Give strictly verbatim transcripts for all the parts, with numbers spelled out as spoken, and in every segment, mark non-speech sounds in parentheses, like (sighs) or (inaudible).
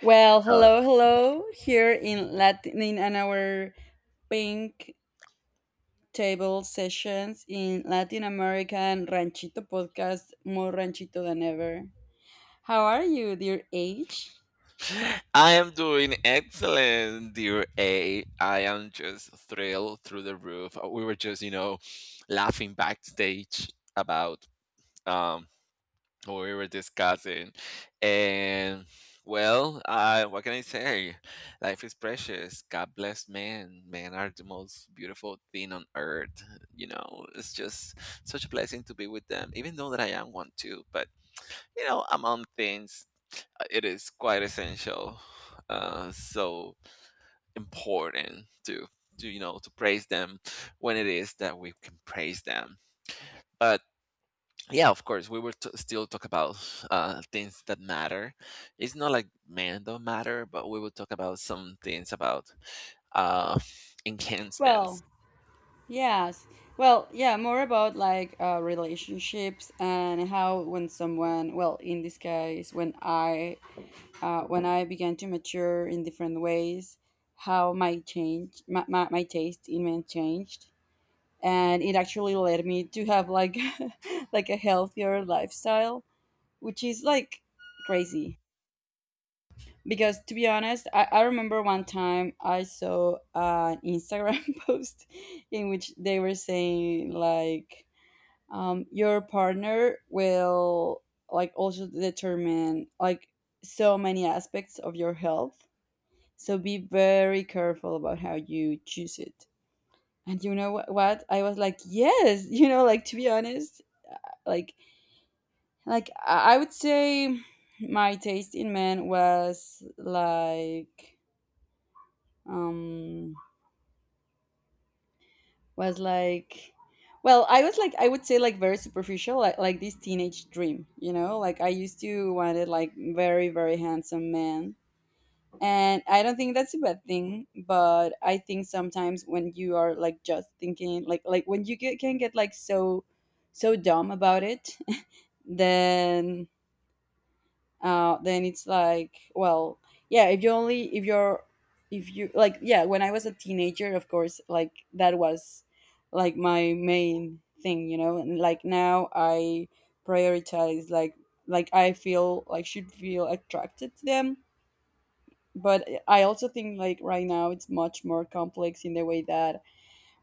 Well, Uh, hello, hello. Here in Latin in an our pink table sessions in Latin American Ranchito podcast, more ranchito than ever. How are you, dear H? I am doing excellent, dear A. I am just thrilled through the roof. Uh, We were just, you know, laughing backstage about um what we were discussing. And well, uh, what can I say? Life is precious. God bless man. Men are the most beautiful thing on earth. You know, it's just such a blessing to be with them, even though that I am one too. But, you know, among things, uh, it is quite essential, uh, so important to, to, you know, to praise them when it is that we can praise them. But yeah, of course we will t- still talk about uh, things that matter. It's not like men don't matter, but we will talk about some things about uh, (laughs) Well, enhancements. yes. Well, yeah, more about like uh, relationships and how when someone, well, in this case, when I uh, when I began to mature in different ways, how my change my, my, my taste in men changed, and it actually led me to have like (laughs) like a healthier lifestyle, which is like crazy because, to be honest, i, I remember one time I saw an Instagram (laughs) post in which they were saying like, um, your partner will like also determine like so many aspects of your health, so be very careful about how you choose it. And you know wh- what? I was like, yes, (laughs) you know, like, to be honest, like, like i I would say my taste in men was like, um was like, well, i was like i would say like very superficial, like, like this teenage dream, you know, like I used to wanted like very, very handsome man. And I don't think that's a bad thing, but I think sometimes when you are like just thinking like, like when you get, can get like so so dumb about it. (laughs) then uh, then it's like, well, yeah, if you only, if you're, if you like, yeah, when I was a teenager, of course like that was like my main thing, you know, and like now I prioritize like, like I feel like should feel attracted to them, but I also think like right now it's much more complex in the way that,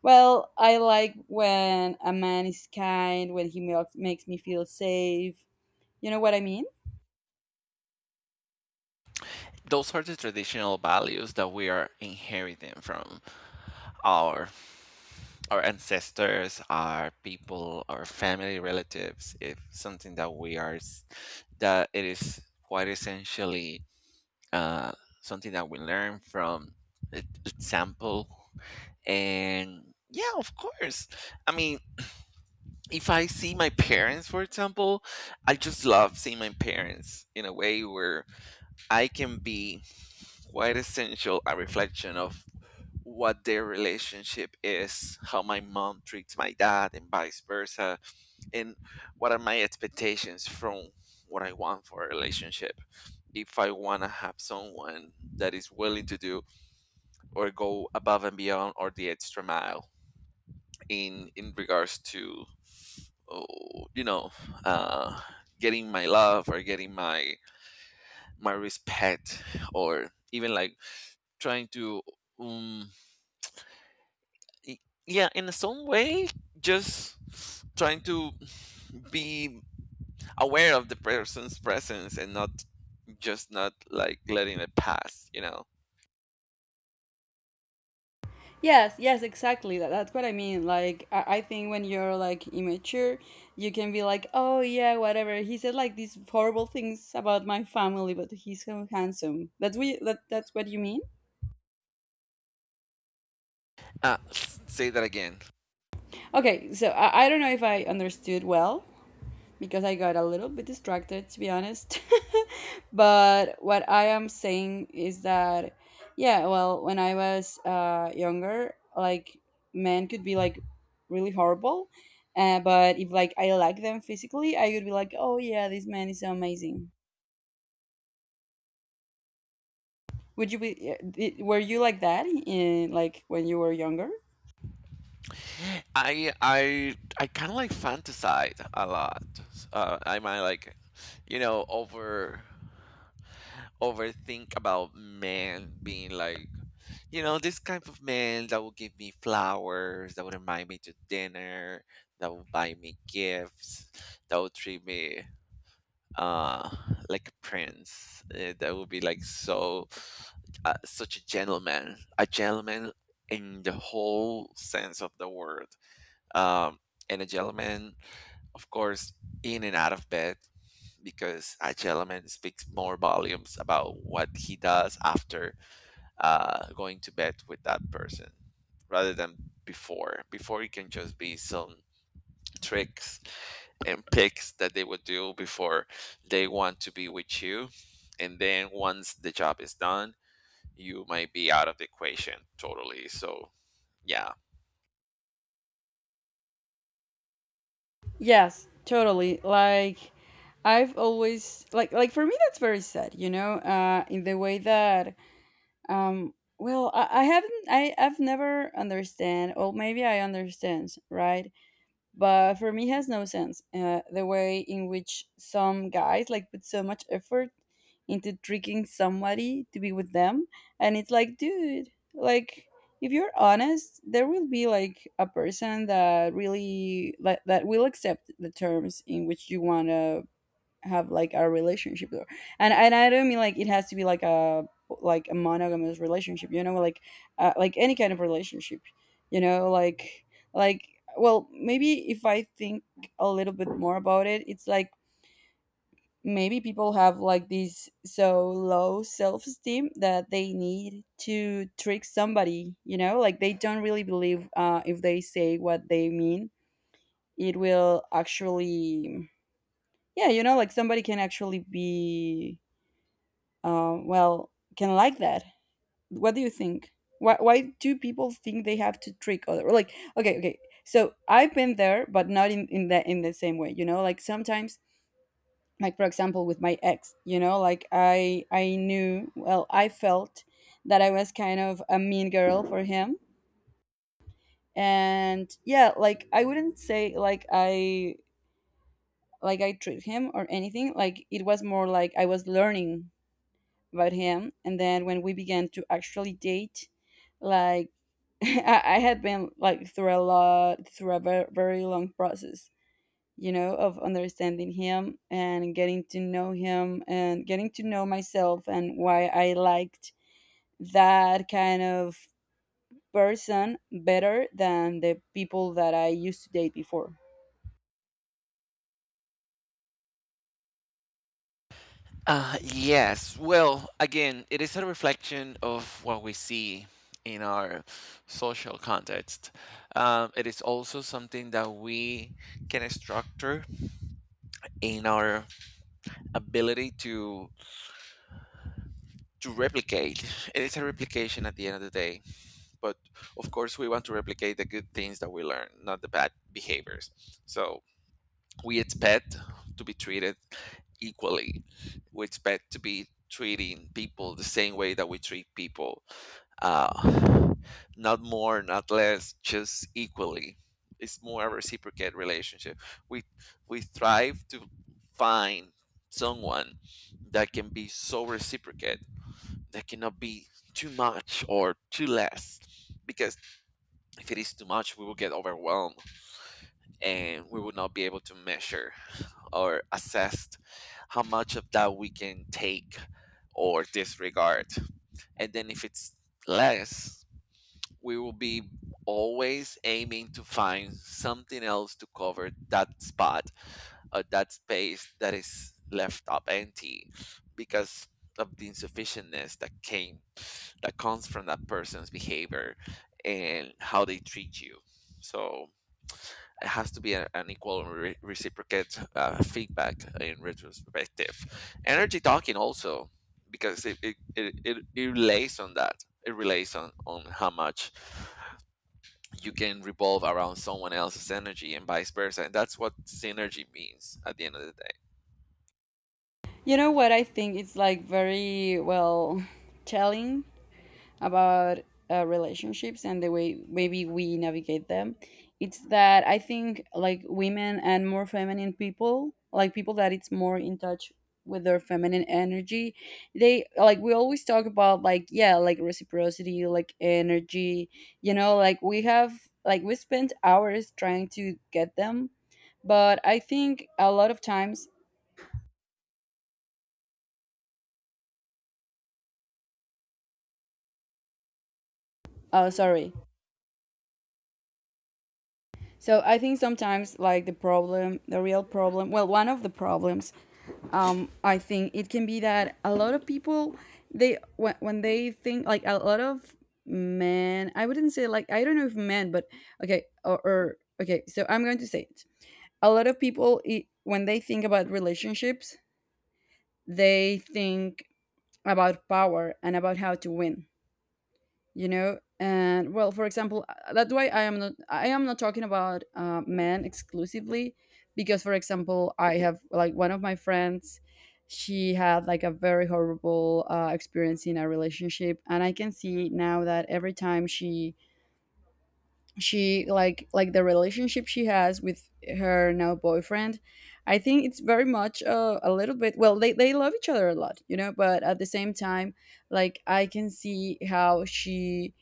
well, I like when a man is kind, when he makes makes me feel safe. You know what I mean? Those are the traditional values that we are inheriting from our our ancestors, our people, our family relatives. If something that we are s- that it is quite essentially uh, something that we learn from e- example. And yeah, of course. I mean, if I see my parents, for example, I just love seeing my parents in a way where I can be quite essential a reflection of what their relationship is, how my mom treats my dad, and vice versa, and what are my expectations from what I want for a relationship. If I want to have someone that is willing to do or go above and beyond or the extra mile in in regards to oh, you know, uh, getting my love or getting my my respect, or even like trying to, um, y- yeah, in some way, just trying to be aware of the person's presence and not just not like letting it pass. You know, Yes, yes, exactly. That, that's what I mean. Like, I, I think when you're like immature, you can be like, oh, yeah, whatever. He said like these horrible things about my family, but he's so handsome. That's what you, that, that's what you mean? uh, s- say that again. Okay, so I, I don't know if I understood well, because I got a little bit distracted, to be honest. (laughs) But what I am saying is that, yeah, well, when I was uh, younger, like men could be like really horrible. Uh, but if like I like them physically, I would be like, oh yeah, this man is so amazing. Would you be? uh, di- Were you like that in like when you were younger? I I I kind of like fantasize a lot. Uh, I might like, you know, over overthink about men being like, you know, this kind of man that will give me flowers, that would invite me to dinner, that will buy me gifts, that will treat me uh like a prince. Uh, that will be like so uh, such a gentleman, a gentleman in the whole sense of the word. Um, and a gentleman, of course, in and out of bed, because a gentleman speaks more volumes about what he does after uh, going to bed with that person rather than before. Before it can just be some tricks and picks that they would do before they want to be with you. And then once the job is done, you might be out of the equation totally. So, yeah. Yes, totally. Like I've always like like for me that's very sad, you know, uh in the way that. Um, well, I, I haven't, I, I've never understand, or maybe I understand, right? But for me, it has no sense. Uh, the way in which some guys like put so much effort into tricking somebody to be with them, and it's like, dude, like if you're honest, there will be like a person that really like that will accept the terms in which you wanna have like a relationship, or and and I don't mean like it has to be like a like a monogamous relationship, you know, like uh, like any kind of relationship, you know, like like well, maybe if I think a little bit more about it, it's like maybe people have like this so low self-esteem that they need to trick somebody, you know, like they don't really believe uh, if they say what they mean, it will actually, yeah, you know, like somebody can actually be, um, well, can like that. What do you think? Why, why do people think they have to trick other? Like, okay, okay, so I've been there, but not in in that in the same way, you know, like sometimes, like for example, with my ex, you know, like i i knew, well, I felt that I was kind of a mean girl for him. And yeah, like I wouldn't say like I, like I treat him or anything, like it was more like I was learning about him. And then when we began to actually date, like (laughs) I, I had been like through a lot, through a very, very long process, you know, of understanding him and getting to know him and getting to know myself and why I liked that kind of person better than the people that I used to date before. Uh, yes. Well, again, it is a reflection of what we see in our social context. Um, it is also something that we can structure in our ability to to replicate. It is a replication at the end of the day, but of course, we want to replicate the good things that we learn, not the bad behaviors. So we expect to be treated equally. We expect to be treating people the same way that we treat people, uh, not more, not less, just equally. It's more a reciprocate relationship. We we strive to find someone that can be so reciprocate, that cannot be too much or too less, because if it is too much we will get overwhelmed and we will not be able to measure or assessed how much of that we can take or disregard. And then if it's less, we will be always aiming to find something else to cover that spot or that space that is left up empty because of the insufficientness that came that comes from that person's behavior and how they treat you. So it has to be a- an equal and re- reciprocate uh, feedback in retrospective. Energy talking also, because it, it, it, it, relates on that. It relates on, on how much you can revolve around someone else's energy and vice versa. And that's what synergy means at the end of the day. You know what I think it's like very well telling about uh, relationships and the way maybe we navigate them, it's that I think like women and more feminine people, like people that it's more in touch with their feminine energy, they like, we always talk about like, yeah, like reciprocity, like energy, you know, like we have like we spent hours trying to get them, but I think a lot of times, oh sorry. So I think sometimes like the problem, the real problem, well, one of the problems, um, I think it can be that a lot of people, they when, when they think like a lot of men, I wouldn't say like I don't know if men, but okay, or, or okay, so I'm going to say it. A lot of people it, when they think about relationships, they think about power and about how to win, you know. And well, for example, uh, that's why i am not i am not talking about uh, men exclusively, because for example I have like one of my friends, she had like a very horrible uh, experience in a relationship, and I can see now that every time she she like like the relationship she has with her now boyfriend, I think it's very much uh, a little bit, well, they, they love each other a lot, you know, but at the same time, like I can see how she,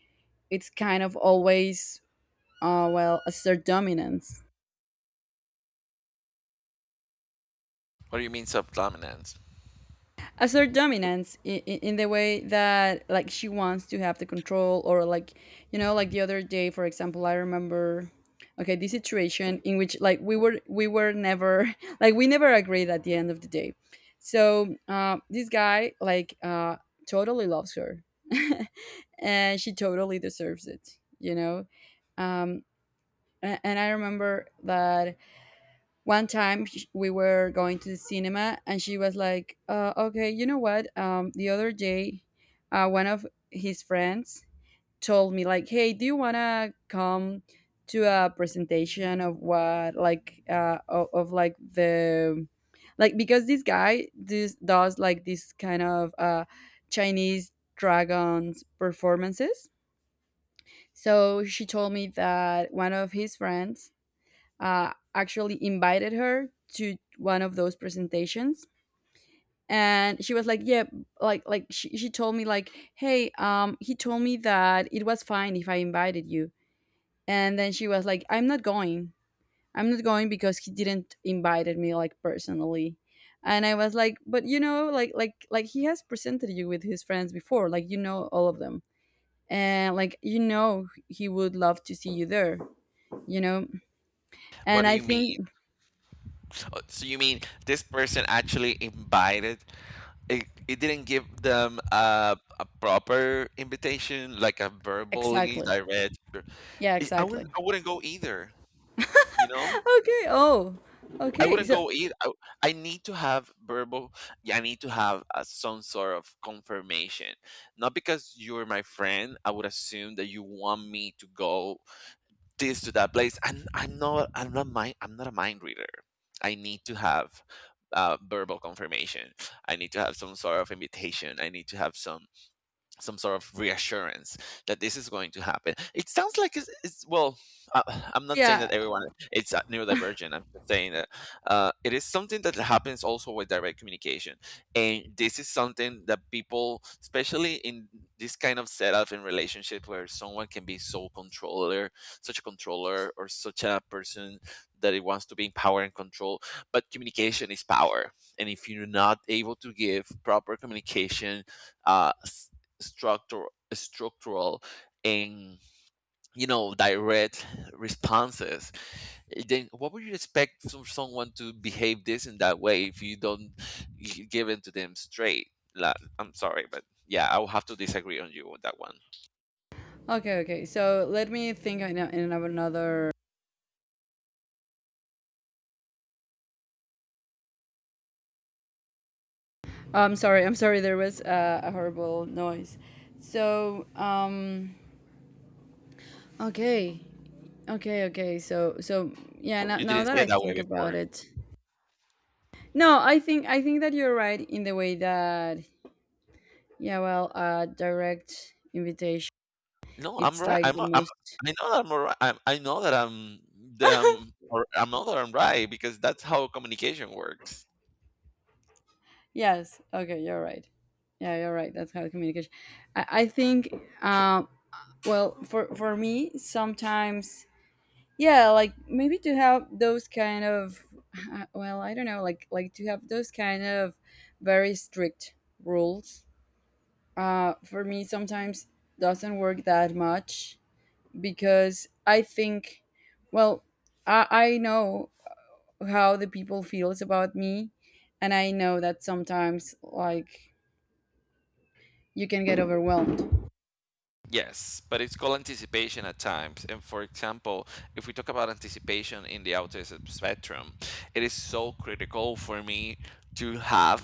it's kind of always, uh, well, assert dominance. What do you mean subdominance? Assert dominance in, in the way that like she wants to have the control or like, you know, like the other day, for example, I remember, okay, this situation in which like we were we were never (laughs) like we never agreed at the end of the day. So uh, this guy like, uh, totally loves her (laughs) and she totally deserves it, you know. um, a- and I remember that one time, sh- we were going to the cinema, and she was like, uh, okay, you know what, um, the other day, uh, one of his friends told me like, hey, do you want to come to a presentation of what like, uh, of, of like the, like because this guy this does like this kind of uh, Chinese dragons performances. So she told me that one of his friends uh, actually invited her to one of those presentations, and she was like, yeah, like like she, she told me like, hey, um, he told me that it was fine if I invited you. And then she was like, I'm not going. I'm not going because he didn't invited me like personally. And I was like, but you know like like like he has presented you with his friends before, like you know all of them, and like, you know, he would love to see you there, you know. What And do I you mean? think Uh, So you mean this person actually invited? It, it didn't give them a, a proper invitation, like a verbally exactly, direct. yeah, I I wouldn't exactly. I wouldn't go either, you know? Okay. Oh. I Okay. wouldn't So go either. I, I need to have verbal, yeah, I need to have uh, some sort of confirmation. Not because you're my friend, I would assume that you want me to go this to that place. And I'm, not I'm not mind I'm not a mind reader. I need to have uh, verbal confirmation. I need to have some sort of invitation. I need to have some some sort of reassurance that this is going to happen. It sounds like it's, it's well, uh, I'm not saying that yeah. everyone it's uh, neurodivergent. I'm just saying that uh, it is something that happens also with direct communication, and this is something that people, especially in this kind of setup in relationship where someone can be so controller, such a controller, or such a person that it wants to be in power and control. But communication is power, and if you're not able to give proper communication uh, s- structural structural and you know direct responses. eh, then what would you expect from someone to behave this in that way if you don't g- give it to them straight? Like, I'm sorry, but yeah, I will have to disagree on you on that one. Okay. Okay. So let me think. I know in of another. I'm sorry. I'm sorry. There was uh, a horrible noise. So um. Okay. Okay. Okay. So so yeah. Now, You now didn't that see I it that way think about before. it, no, I think I think that you're right in the way that, yeah. Well, uh, direct invitation. No, I'm It's right. like I'm, the I'm most. I know that I'm right. I'm, I know that I'm that I'm, (laughs) or I know that I'm right because that's how communication works. Yes. Okay. You're right. Yeah. You're right. That's how communication. I, I think, um well, for for me, sometimes, yeah, like maybe to have those kind of, (laughs) well, I don't know, like, like to have those kind of very strict rules. Uh, for me, sometimes doesn't work that much because I think, well, I I know how the people feels about me, and I know that sometimes like you can get overwhelmed. Yes, but it's called anticipation at times. And for example, if we talk about anticipation in the autism spectrum, it is so critical for me to have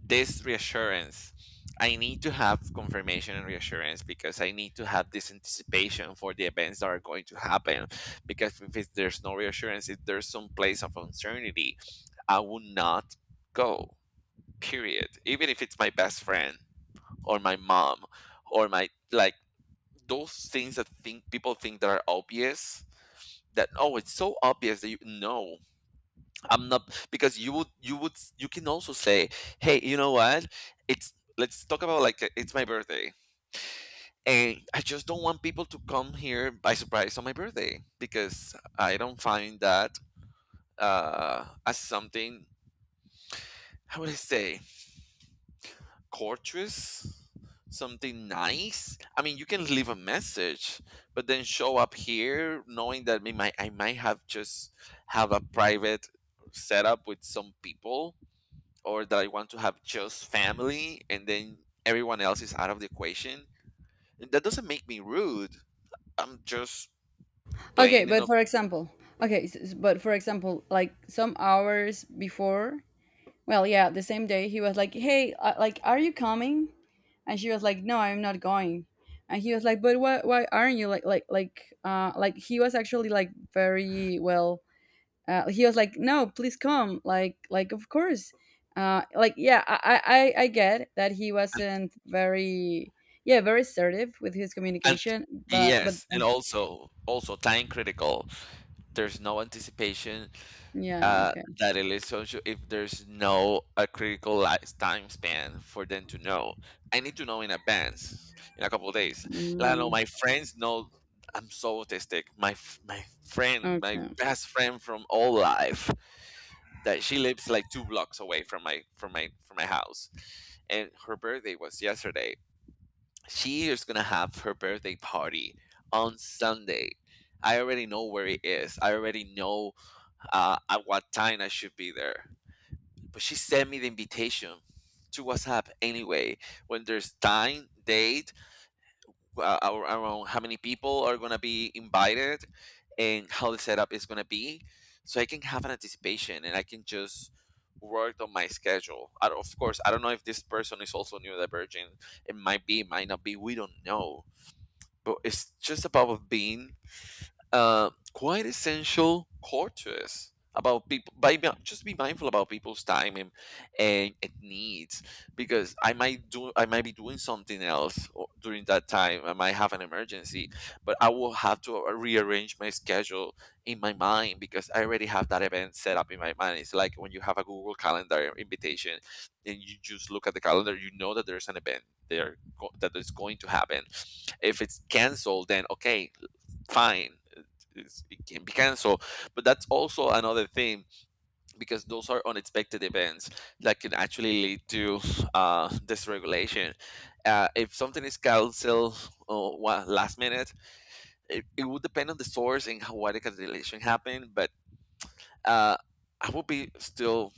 this reassurance. I need to have confirmation and reassurance because I need to have this anticipation for the events that are going to happen. Because if it's, there's no reassurance, if there's some place of uncertainty, I will not go. Period. Even if it's my best friend or my mom or my like those things that think people think that are obvious that oh it's so obvious that you no I'm not, because you would you would you can also say hey you know what it's let's talk about like uh, it's my birthday and I just don't want people to come here by surprise on my birthday because I don't find that uh as something, how would I say, courteous, something nice. I mean, you can leave a message, but then show up here knowing that we might I might have just have a private setup with some people, or that I want to have just family, and then everyone else is out of the equation. And that doesn't make me rude. I'm just Okay, plain but enough. for example, okay, s- s- but for example, like some hours before, well, yeah, the same day, he was like, "Hey, uh, like, are you coming?" And she was like, "No, I'm not going." And he was like, "But why? Why aren't you like like like uh like?" He was actually like very well. Uh, he was like, "No, please come." Like like of course. Uh, like yeah, I, I I I get that he wasn't very, yeah, very assertive with his And communication, but but yes, and also also time critical. There's no anticipation yeah, uh, okay. that it is social if there's no a critical li- time span for them to know. I need to know in advance, in a couple of days. Like, I know Mm. my friends know I'm so autistic. My f- my friend, my Okay. best friend from all life, that she lives like two blocks away from my from my from my house, and her birthday was yesterday. She is gonna have her birthday party on Sunday. I already know where it is. I already know uh, at what time I should be there. But she sent me the invitation to WhatsApp anyway. When there's time, date, uh, ar- around how many people are gonna be invited, and how the setup is gonna be, so I can have an anticipation and I can just work on my schedule. I don't- of course, I don't know if this person is also neurodivergent. It might be, might not be. We don't know. But it's just about being uh, quite essential courteous about people by be- just be mindful about people's time and, and, and needs, because I might do I might be doing something else o- during that time. I might have an emergency, but I will have to rearrange my schedule in my mind because I already have that event set up in my mind. It's like when you have a Google Calendar invitation and you just look at the calendar, you know that there's an event there go- that is going to happen. If it's canceled, then okay, fine, it's, it can be canceled. But that's also another thing, because those are unexpected events that can actually lead to uh, dysregulation. Uh, if something is canceled uh, wa- last minute, it, it would depend on the source and how, why the cancellation happened. But uh, I would be still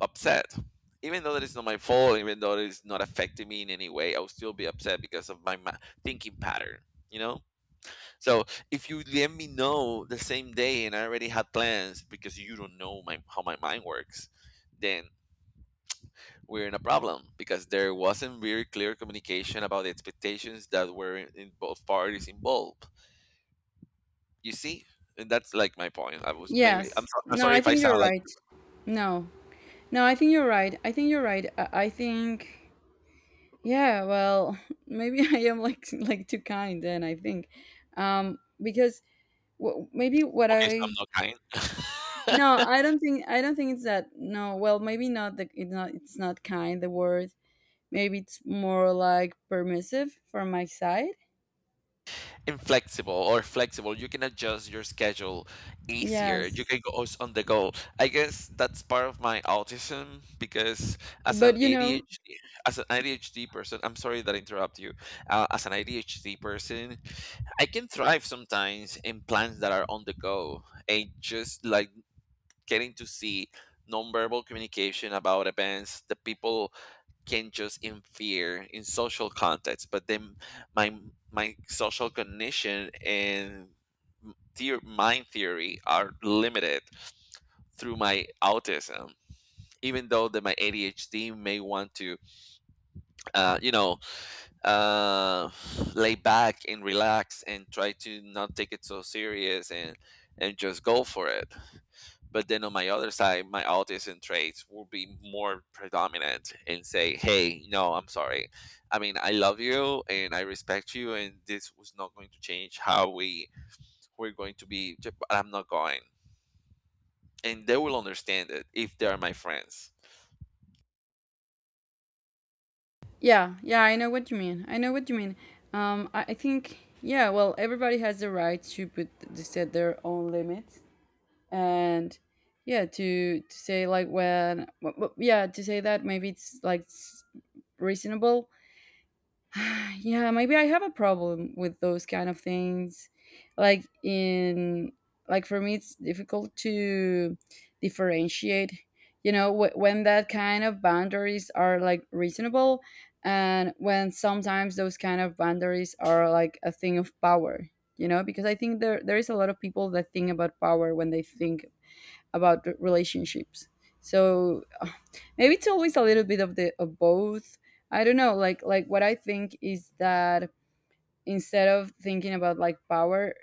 upset. Even though that it's not my fault, even though it's not affecting me in any way, I would still be upset because of my ma- thinking pattern, you know? So if you let me know the same day and I already had plans because you don't know my how my mind works, then we're in a problem because there wasn't very clear communication about the expectations that were in, in both parties involved. You see, and that's like my point. I was maybe I'm, Yes. so, I'm No, sorry I if I think you're sound like right. No. No, I think you're right. I think you're right. I, I think, yeah, well, (laughs) maybe I am like (laughs) like too kind then, I think. Um because, w- maybe what okay, so I, I'm not no, kind. (laughs) I don't think I don't think it's that. No, well, maybe not the it's not it's not kind the word. Maybe it's more like permissive from my side. Inflexible or flexible. You can adjust your schedule easier. You Yes. can go s- on the go. I guess that's part of my autism because as But an you know, A D H D, as an A D H D person, I'm sorry that I interrupt you. Uh, as an A D H D person, I can thrive sometimes in plans that are on the go and just like getting to see nonverbal communication about events, the people can just interfere in social context but then my my social cognition and theor- mind theory are limited through my autism even though that my adhd may want to uh, you know uh, lay back and relax and try to not take it so serious and and just go for it but then on my other side, my autism traits will be more predominant and say, hey, no, I'm sorry. I mean, I love you and I respect you, and this was not going to change how we we're going to be. But I'm not going. And they will understand it if they are my friends. yeah, yeah, I know what you mean. I know what you mean. Um, I, I think, yeah, well, everybody has the right to put to set their own limits, and yeah, to to say like when, w- w- yeah, to say that maybe it's like s- reasonable. (sighs) yeah, maybe I have a problem with those kind of things, like in, like for me it's difficult to differentiate, you know, wh- when that kind of boundaries are like reasonable and when sometimes those kind of boundaries are like a thing of power. You know, because I think there there is a lot of people that think about power when they think about the relationships. So uh, maybe it's always a little bit of the of both. I don't know. Like like what I think is that instead of thinking about like power,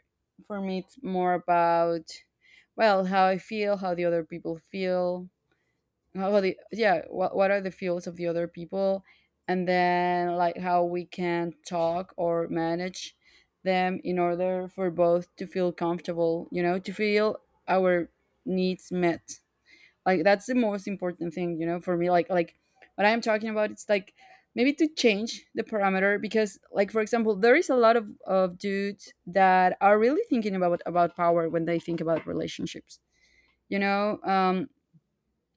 for me it's more about well how I feel, how the other people feel, how the yeah what what are the feels of the other people, and then like how we can talk or manage them in order for both to feel comfortable. You know, to feel our needs met, like that's the most important thing, you know, for me, like like what I'm talking about it's like maybe to change the parameter, because like for example there is a lot of, of dudes that are really thinking about about power when they think about relationships, you know. um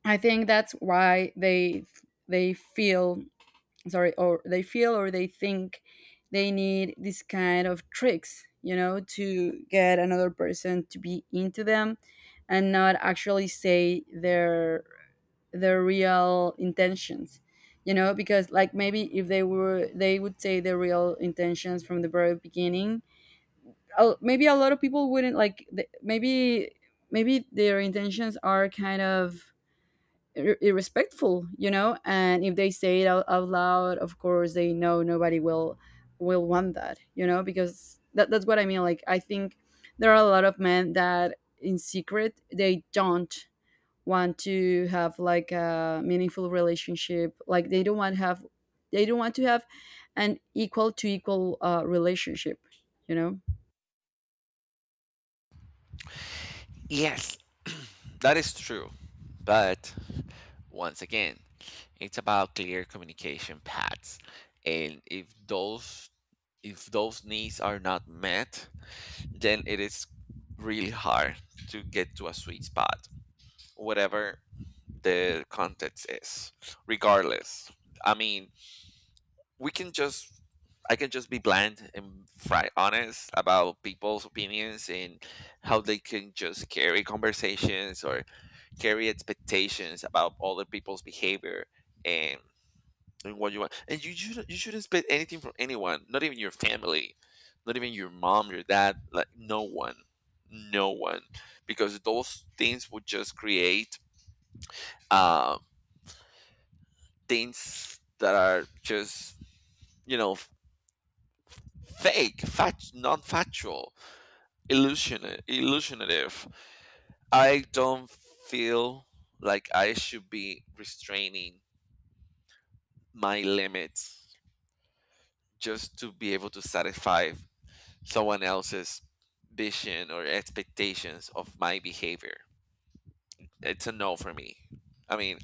I think that's why they they feel sorry or they feel or they think they need this kind of tricks, you know, to get another person to be into them and not actually say their their real intentions, you know, because like maybe if they were they would say their real intentions from the very beginning. Oh, maybe a lot of people wouldn't like th- maybe maybe their intentions are kind of ir- irrespectful, you know, and if they say it out, out loud, of course they know nobody will will want that, you know, because that, that's what I mean. Like I think there are a lot of men that in secret they don't want to have like a meaningful relationship, like they don't want have they don't want to have an equal to equal uh, relationship, you know. Yes, (clears throat) that is true. But once again, it's about clear communication paths. And if those if those needs are not met, then it is really hard to get to a sweet spot, whatever the context is, regardless. I mean, we can just, I can just be bland and fri- honest about people's opinions and how they can just carry conversations or carry expectations about other people's behavior. And. And what you want, and you should you should expect anything from anyone, not even your family, not even your mom, your dad, like no one, no one, because those things would just create uh, things that are just you know f- fake, fact, non-factual, illusion, illusionative. I don't feel like I should be restraining my limits just to be able to satisfy someone else's vision or expectations of my behavior. It's a no for me. I mean,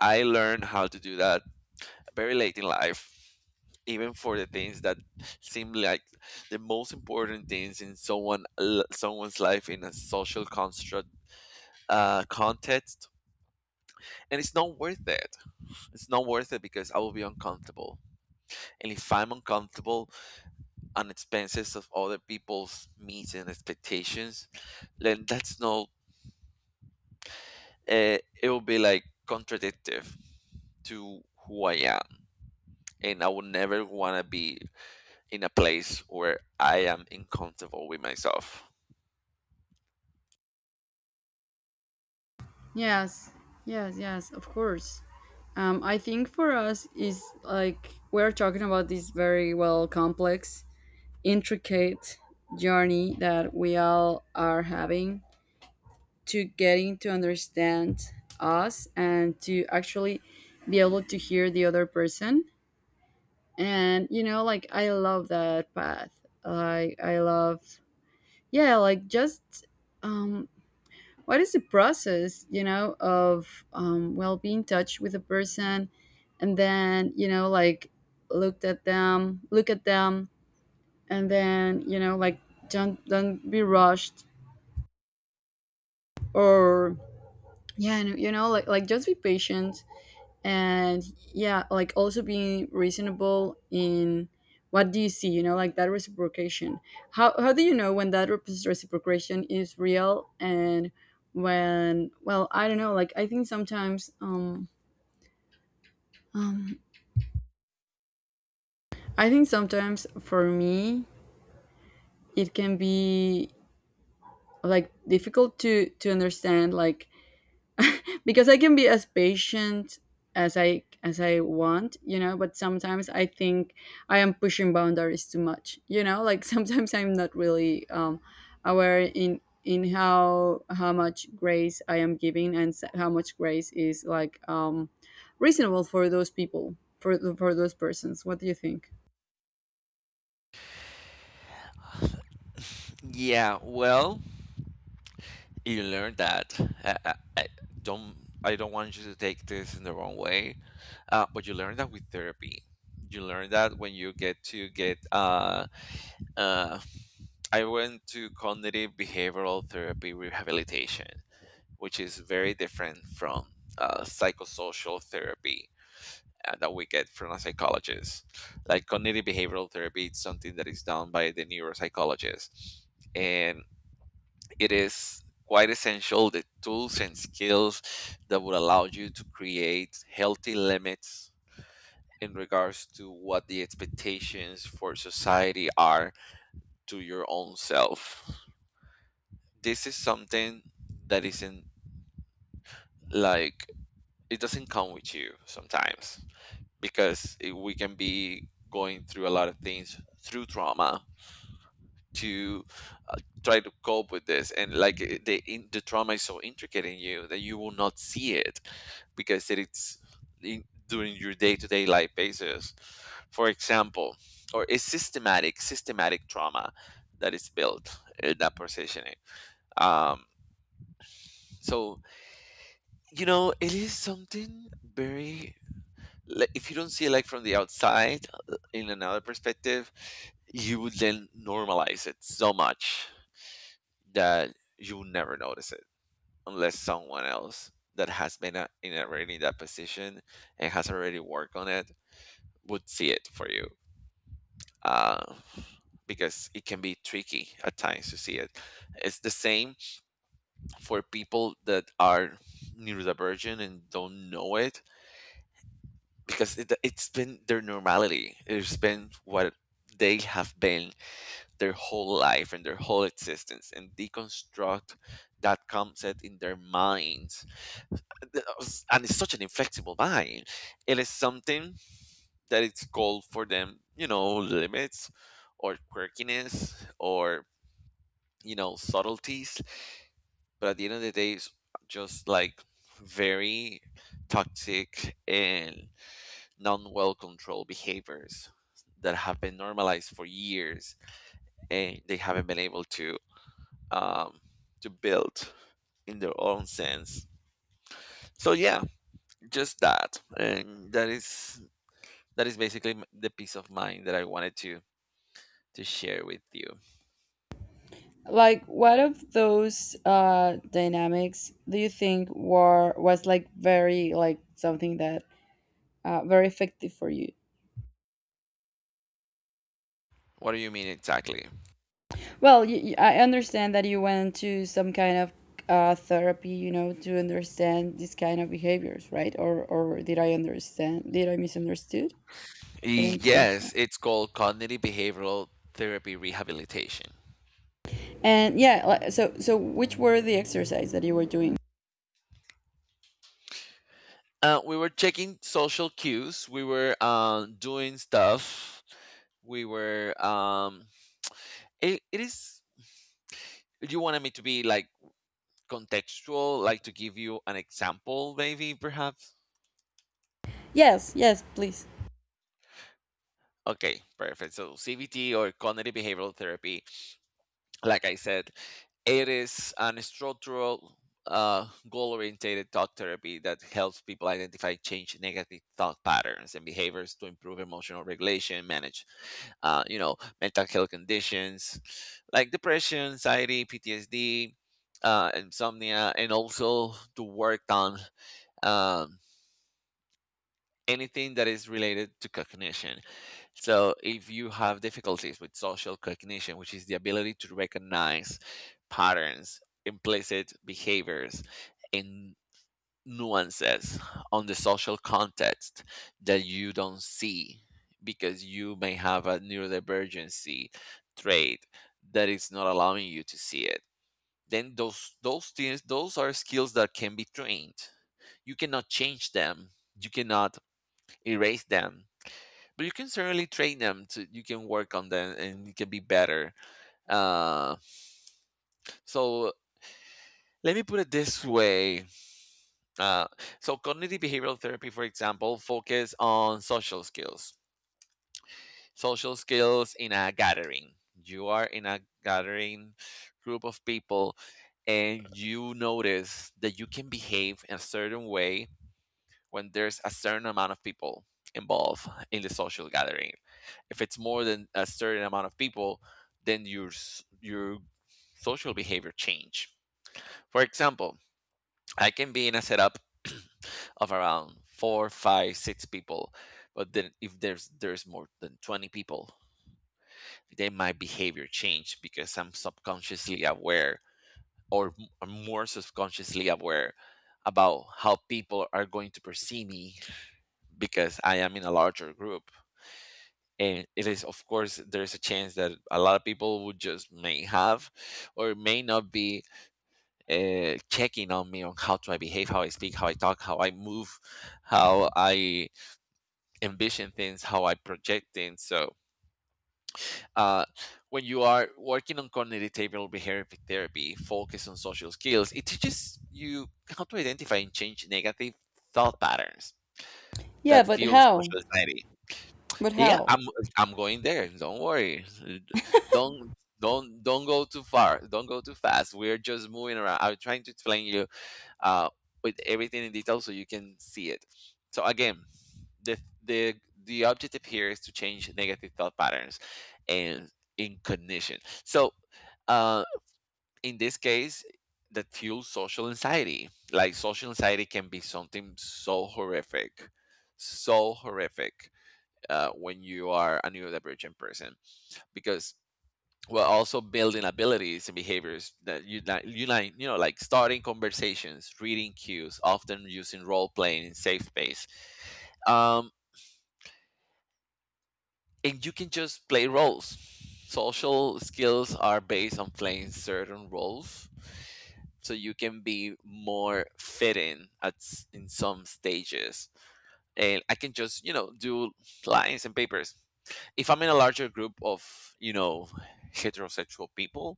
I learned how to do that very late in life, even for the things that seem like the most important things in someone l- someone's life in a social construct uh, context. And it's not worth it. It's not worth it because I will be uncomfortable. And if I'm uncomfortable on expenses of other people's needs and expectations, then that's not uh, it will be like contradictive to who I am, and I would never want to be in a place where I am uncomfortable with myself. Yes, yes, yes, of course. um, I think for us is like we're talking about this very well complex intricate journey that we all are having to getting to understand us and to actually be able to hear the other person. And you know like I love that path, like I love, yeah, like just, um what is the process, you know, of um well being in touch with a person, and then you know like looked at them look at them, and then you know like don't don't be rushed, or yeah, and you know like like just be patient, and yeah like also being reasonable in what do you see, you know, like that reciprocation. how how do you know when that rep- reciprocation is real and when, well I don't know. Like I think sometimes um um I think sometimes for me it can be like difficult to to understand, like because I can be as patient as I as I want, you know, but sometimes I think I am pushing boundaries too much, you know, like (laughs) sometimes I'm not really um aware in in how how much grace I am giving and s- how much grace is like um reasonable for those people, for the- for those persons. What do you think? Yeah, well, you learn that. I, I, I don't. I don't want you to take this in the wrong way, uh, but you learn that with therapy. You learn that when you get to get. Uh, uh, I went to cognitive behavioral therapy rehabilitation, which is very different from uh, psychosocial therapy uh, that we get from a psychologist. Like cognitive behavioral therapy, it's something that is done by the neuropsychologist, and it is quite essential the tools and skills that would allow you to create healthy limits in regards to what the expectations for society are to your own self. This is something that isn't like it doesn't come with you sometimes because it, we can be going through a lot of things through trauma to uh, try to cope with this and like I- the in, the trauma is so intricate in you that you will not see it because it- it's in, during your day-to-day life basis for example or a systematic systematic trauma that is built in that positioning um so you know it is something very like, if you don't see it like from the outside uh, in another perspective you would then normalize it so much that you will never notice it unless someone else that has been a, in already in that position and has already worked on it would see it for you uh, because it can be tricky at times to see it it's the same for people that are neurodivergent and don't know it because it, it's been their normality. It's been what they have been their whole life and their whole existence, and deconstruct that concept in their minds. And it's such an inflexible mind. It is something that it's called for them, you know, limits or quirkiness or, you know, subtleties. But at the end of the day, it's just like very toxic and non well controlled behaviors that have been normalized for years and they haven't been able to um, to build in their own sense so yeah just that and that is that is basically m- the peace of mind that I wanted to to share with you Like what of those uh dynamics do you think were was like very like something that uh, very effective for you? what do you mean exactly Well, you, you- I understand that you went to some kind of uh, therapy, you know, to understand these kind of behaviors, right? Or or did I understand? Did I misunderstood? Did I misunderstand? yes it's called cognitive behavioral therapy rehabilitation And yeah, li- so so which were the exercise that you were doing? uh, we were checking social cues we were um, doing stuff we were um, It, it is. You wanted me to be like contextual, like to give you an example, maybe perhaps. Yes, yes, please. Okay, perfect. So C B T or cognitive behavioral therapy, like I said, it is an structural, uh, goal-oriented thought therapy that helps people identify change negative thought patterns and behaviors to improve emotional regulation, manage, uh, you know, mental health conditions like depression, anxiety, P T S D, uh, insomnia, and also to work on um, anything that is related to cognition. So, if you have difficulties with social cognition, which is the ability to recognize patterns, implicit behaviors, and nuances on the social context that you don't see because you may have a neurodivergency trait that is not allowing you to see it then those those things those are skills that can be trained you cannot change them you cannot erase them but you can certainly train them to you can work on them and you can be better uh, so let me put it this way uh, so cognitive behavioral therapy for example focus on social skills social skills in a gathering you are in a gathering group of people and you notice that you can behave in a certain way when there's a certain amount of people involved in the social gathering if it's more than a certain amount of people, then your s- your social behavior change. For example, I can be in a setup (clears throat) of around four, five, six people, but then if there's there's more than twenty people, then my behavior change because I'm subconsciously aware or m- I'm more subconsciously aware about how people are going to perceive me because I am in a larger group. And it is of course there's a chance that a lot of people would just may have or may not be uh, checking on me on how do I behave how I speak how I talk how I move how I envision things how I project things so uh, when you are working on cognitive behavioral behavior therapy focus on social skills it teaches you how to identify and change negative thought patterns Yeah, that but fuel how? social anxiety But Yeah, how? I'm I'm going there. Don't worry. Don't don't don't go too far. Don't go too fast. We're just moving around. I'm trying to explain you uh with everything in detail so you can see it. So again, the the the objective here is to change negative thought patterns and in cognition. So uh in this case that fuels social anxiety. Like social anxiety can be something so horrific. So horrific uh, when you are a neurodivergent person because we're also building abilities and behaviors that you like you like you know like starting conversations reading cues often using role playing in safe space um, and you can just play roles social skills are based on playing certain roles so you can be more fitting at s- in some stages and I can just you know do lines and papers if I'm in a larger group of, you know, heterosexual people,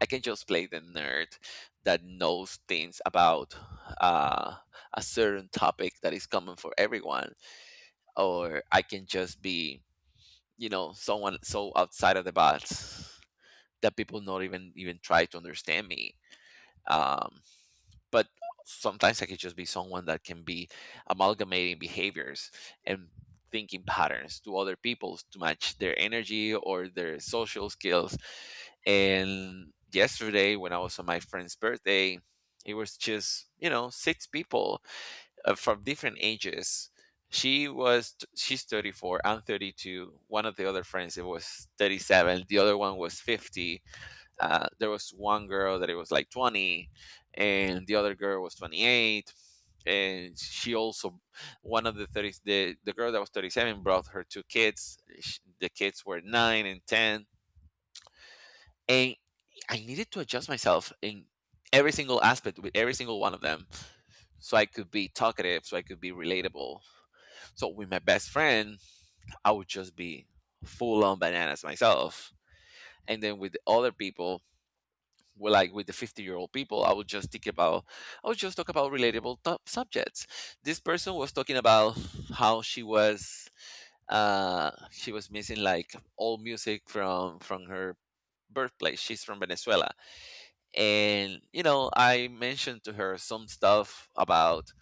I can just play the nerd that knows things about uh, a certain topic that is common for everyone, or I can just be, you know, someone so outside of the box that people not even even try to understand me. Um, but sometimes I could just be someone that can be amalgamating behaviors and thinking patterns to other people's to match their energy or their social skills. And yesterday, when I was on my friend's birthday, it was just you know six people uh, from different ages. She was she's thirty-four, I'm thirty-two. One of the other friends it was thirty-seven, the other one was fifty. Uh, there was one girl that it was like twenty, and the other girl was twenty-eight. And she also, one of the thirty the, the girl that was thirty-seven, brought her two kids. Sh- the kids were nine and ten. And I needed to adjust myself in every single aspect with every single one of them, so I could be talkative, so I could be relatable. So with my best friend, I would just be full on bananas myself. And then with the other people, well, like with the fifty year old people, I would just think about, I would just talk about relatable top subjects this person was talking about. How she was, uh she was missing like old music from from her birthplace. She's from Venezuela. And you know, I mentioned to her some stuff about,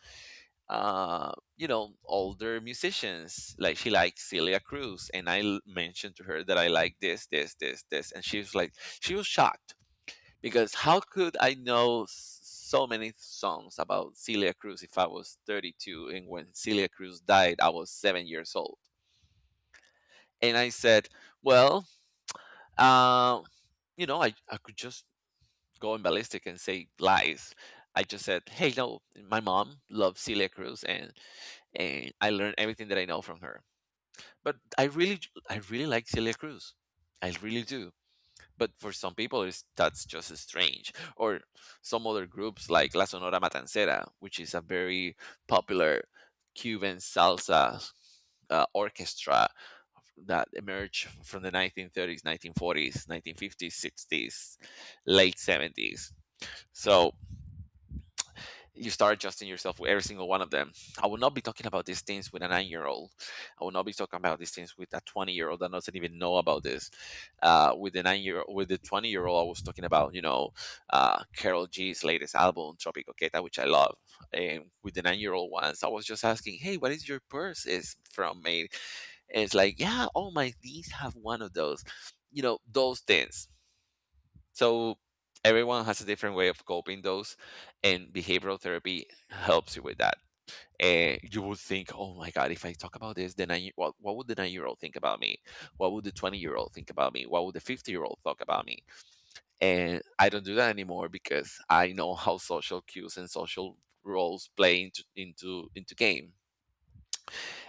uh you know older musicians. Like, she likes Celia Cruz, and i l- mentioned to her that I like this, this, this, this. And she was like, she was shocked, because how could I know s- so many songs about Celia Cruz if I was thirty-two, and when Celia Cruz died, I was seven years old? And I said, well, uh, you know, I, I could just go in ballistic and say lies. I just said, hey, no, my mom loves Celia Cruz, and, and I learned everything that I know from her. But I really, I really like Celia Cruz. I really do. But for some people it's, that's just strange. Or some other groups like La Sonora Matancera, which is a very popular Cuban salsa uh, orchestra that emerged from the nineteen thirties, nineteen forties, nineteen fifties, sixties, late seventies. So you start adjusting yourself with every single one of them. I will not be talking about these things with a nine year old. I will not be talking about these things with a twenty year old that doesn't even know about this. Uh, with the nine year with the twenty year old, I was talking about, you know, uh, Carol G's latest album, Tropico Queta, which I love. And with the nine year old ones, I was just asking, hey, what is your purse? Is from made, and it's like, yeah, all my knees have one of those. You know, those things. So everyone has a different way of coping those, and behavioral therapy helps you with that. And you would think, oh my God, if I talk about this, then I, what, what would the nine year old think about me? What would the twenty year old think about me? What would the fifty year old talk about me? And I don't do that anymore, because I know how social cues and social roles play into into into game.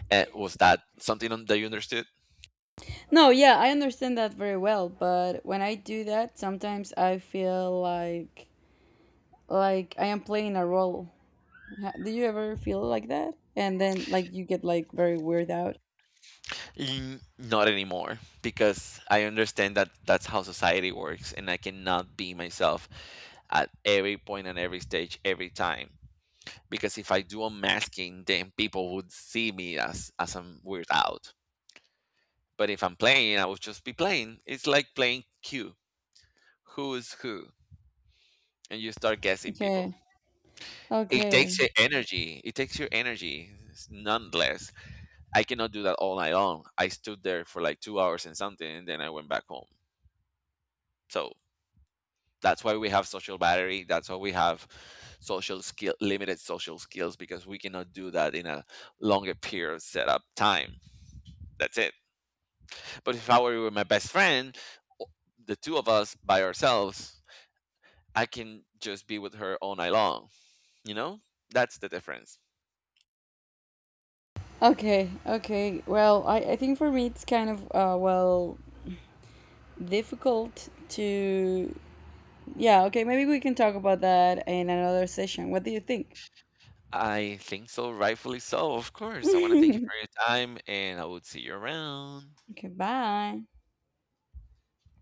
And was that something on- that you understood? No, yeah, I understand that very well, but when I do that, sometimes I feel like like I am playing a role. Ha- Do you ever feel like that? And then like you get like very weird out. N- Not anymore, because I understand that that's how society works, and I cannot be myself at every point and every stage, every time. Because if I do a masking, then people would see me as as I'm weird out. But if I'm playing, I would just be playing. It's like playing Q, who is who, and you start guessing Okay, people. It okay, takes your energy. It takes your energy, s- nonetheless. I cannot do that all night long. I stood there for like two hours and something, and then I went back home. So that's why we have social battery, that's why we have social skill limited social skills, because we cannot do that in a longer period of setup time. That's it. But if I were with my best friend, o- the two of us by ourselves, I can just be with her all night long, you know. That's the difference. okay, okay. Well, I, I think for me it's kind of uh well difficult to yeah, okay, maybe we can talk about that in another session. What do you think? I think so, rightfully so. Of course, I want to thank you for your time, and I would see you around. (laughs) okay, bye.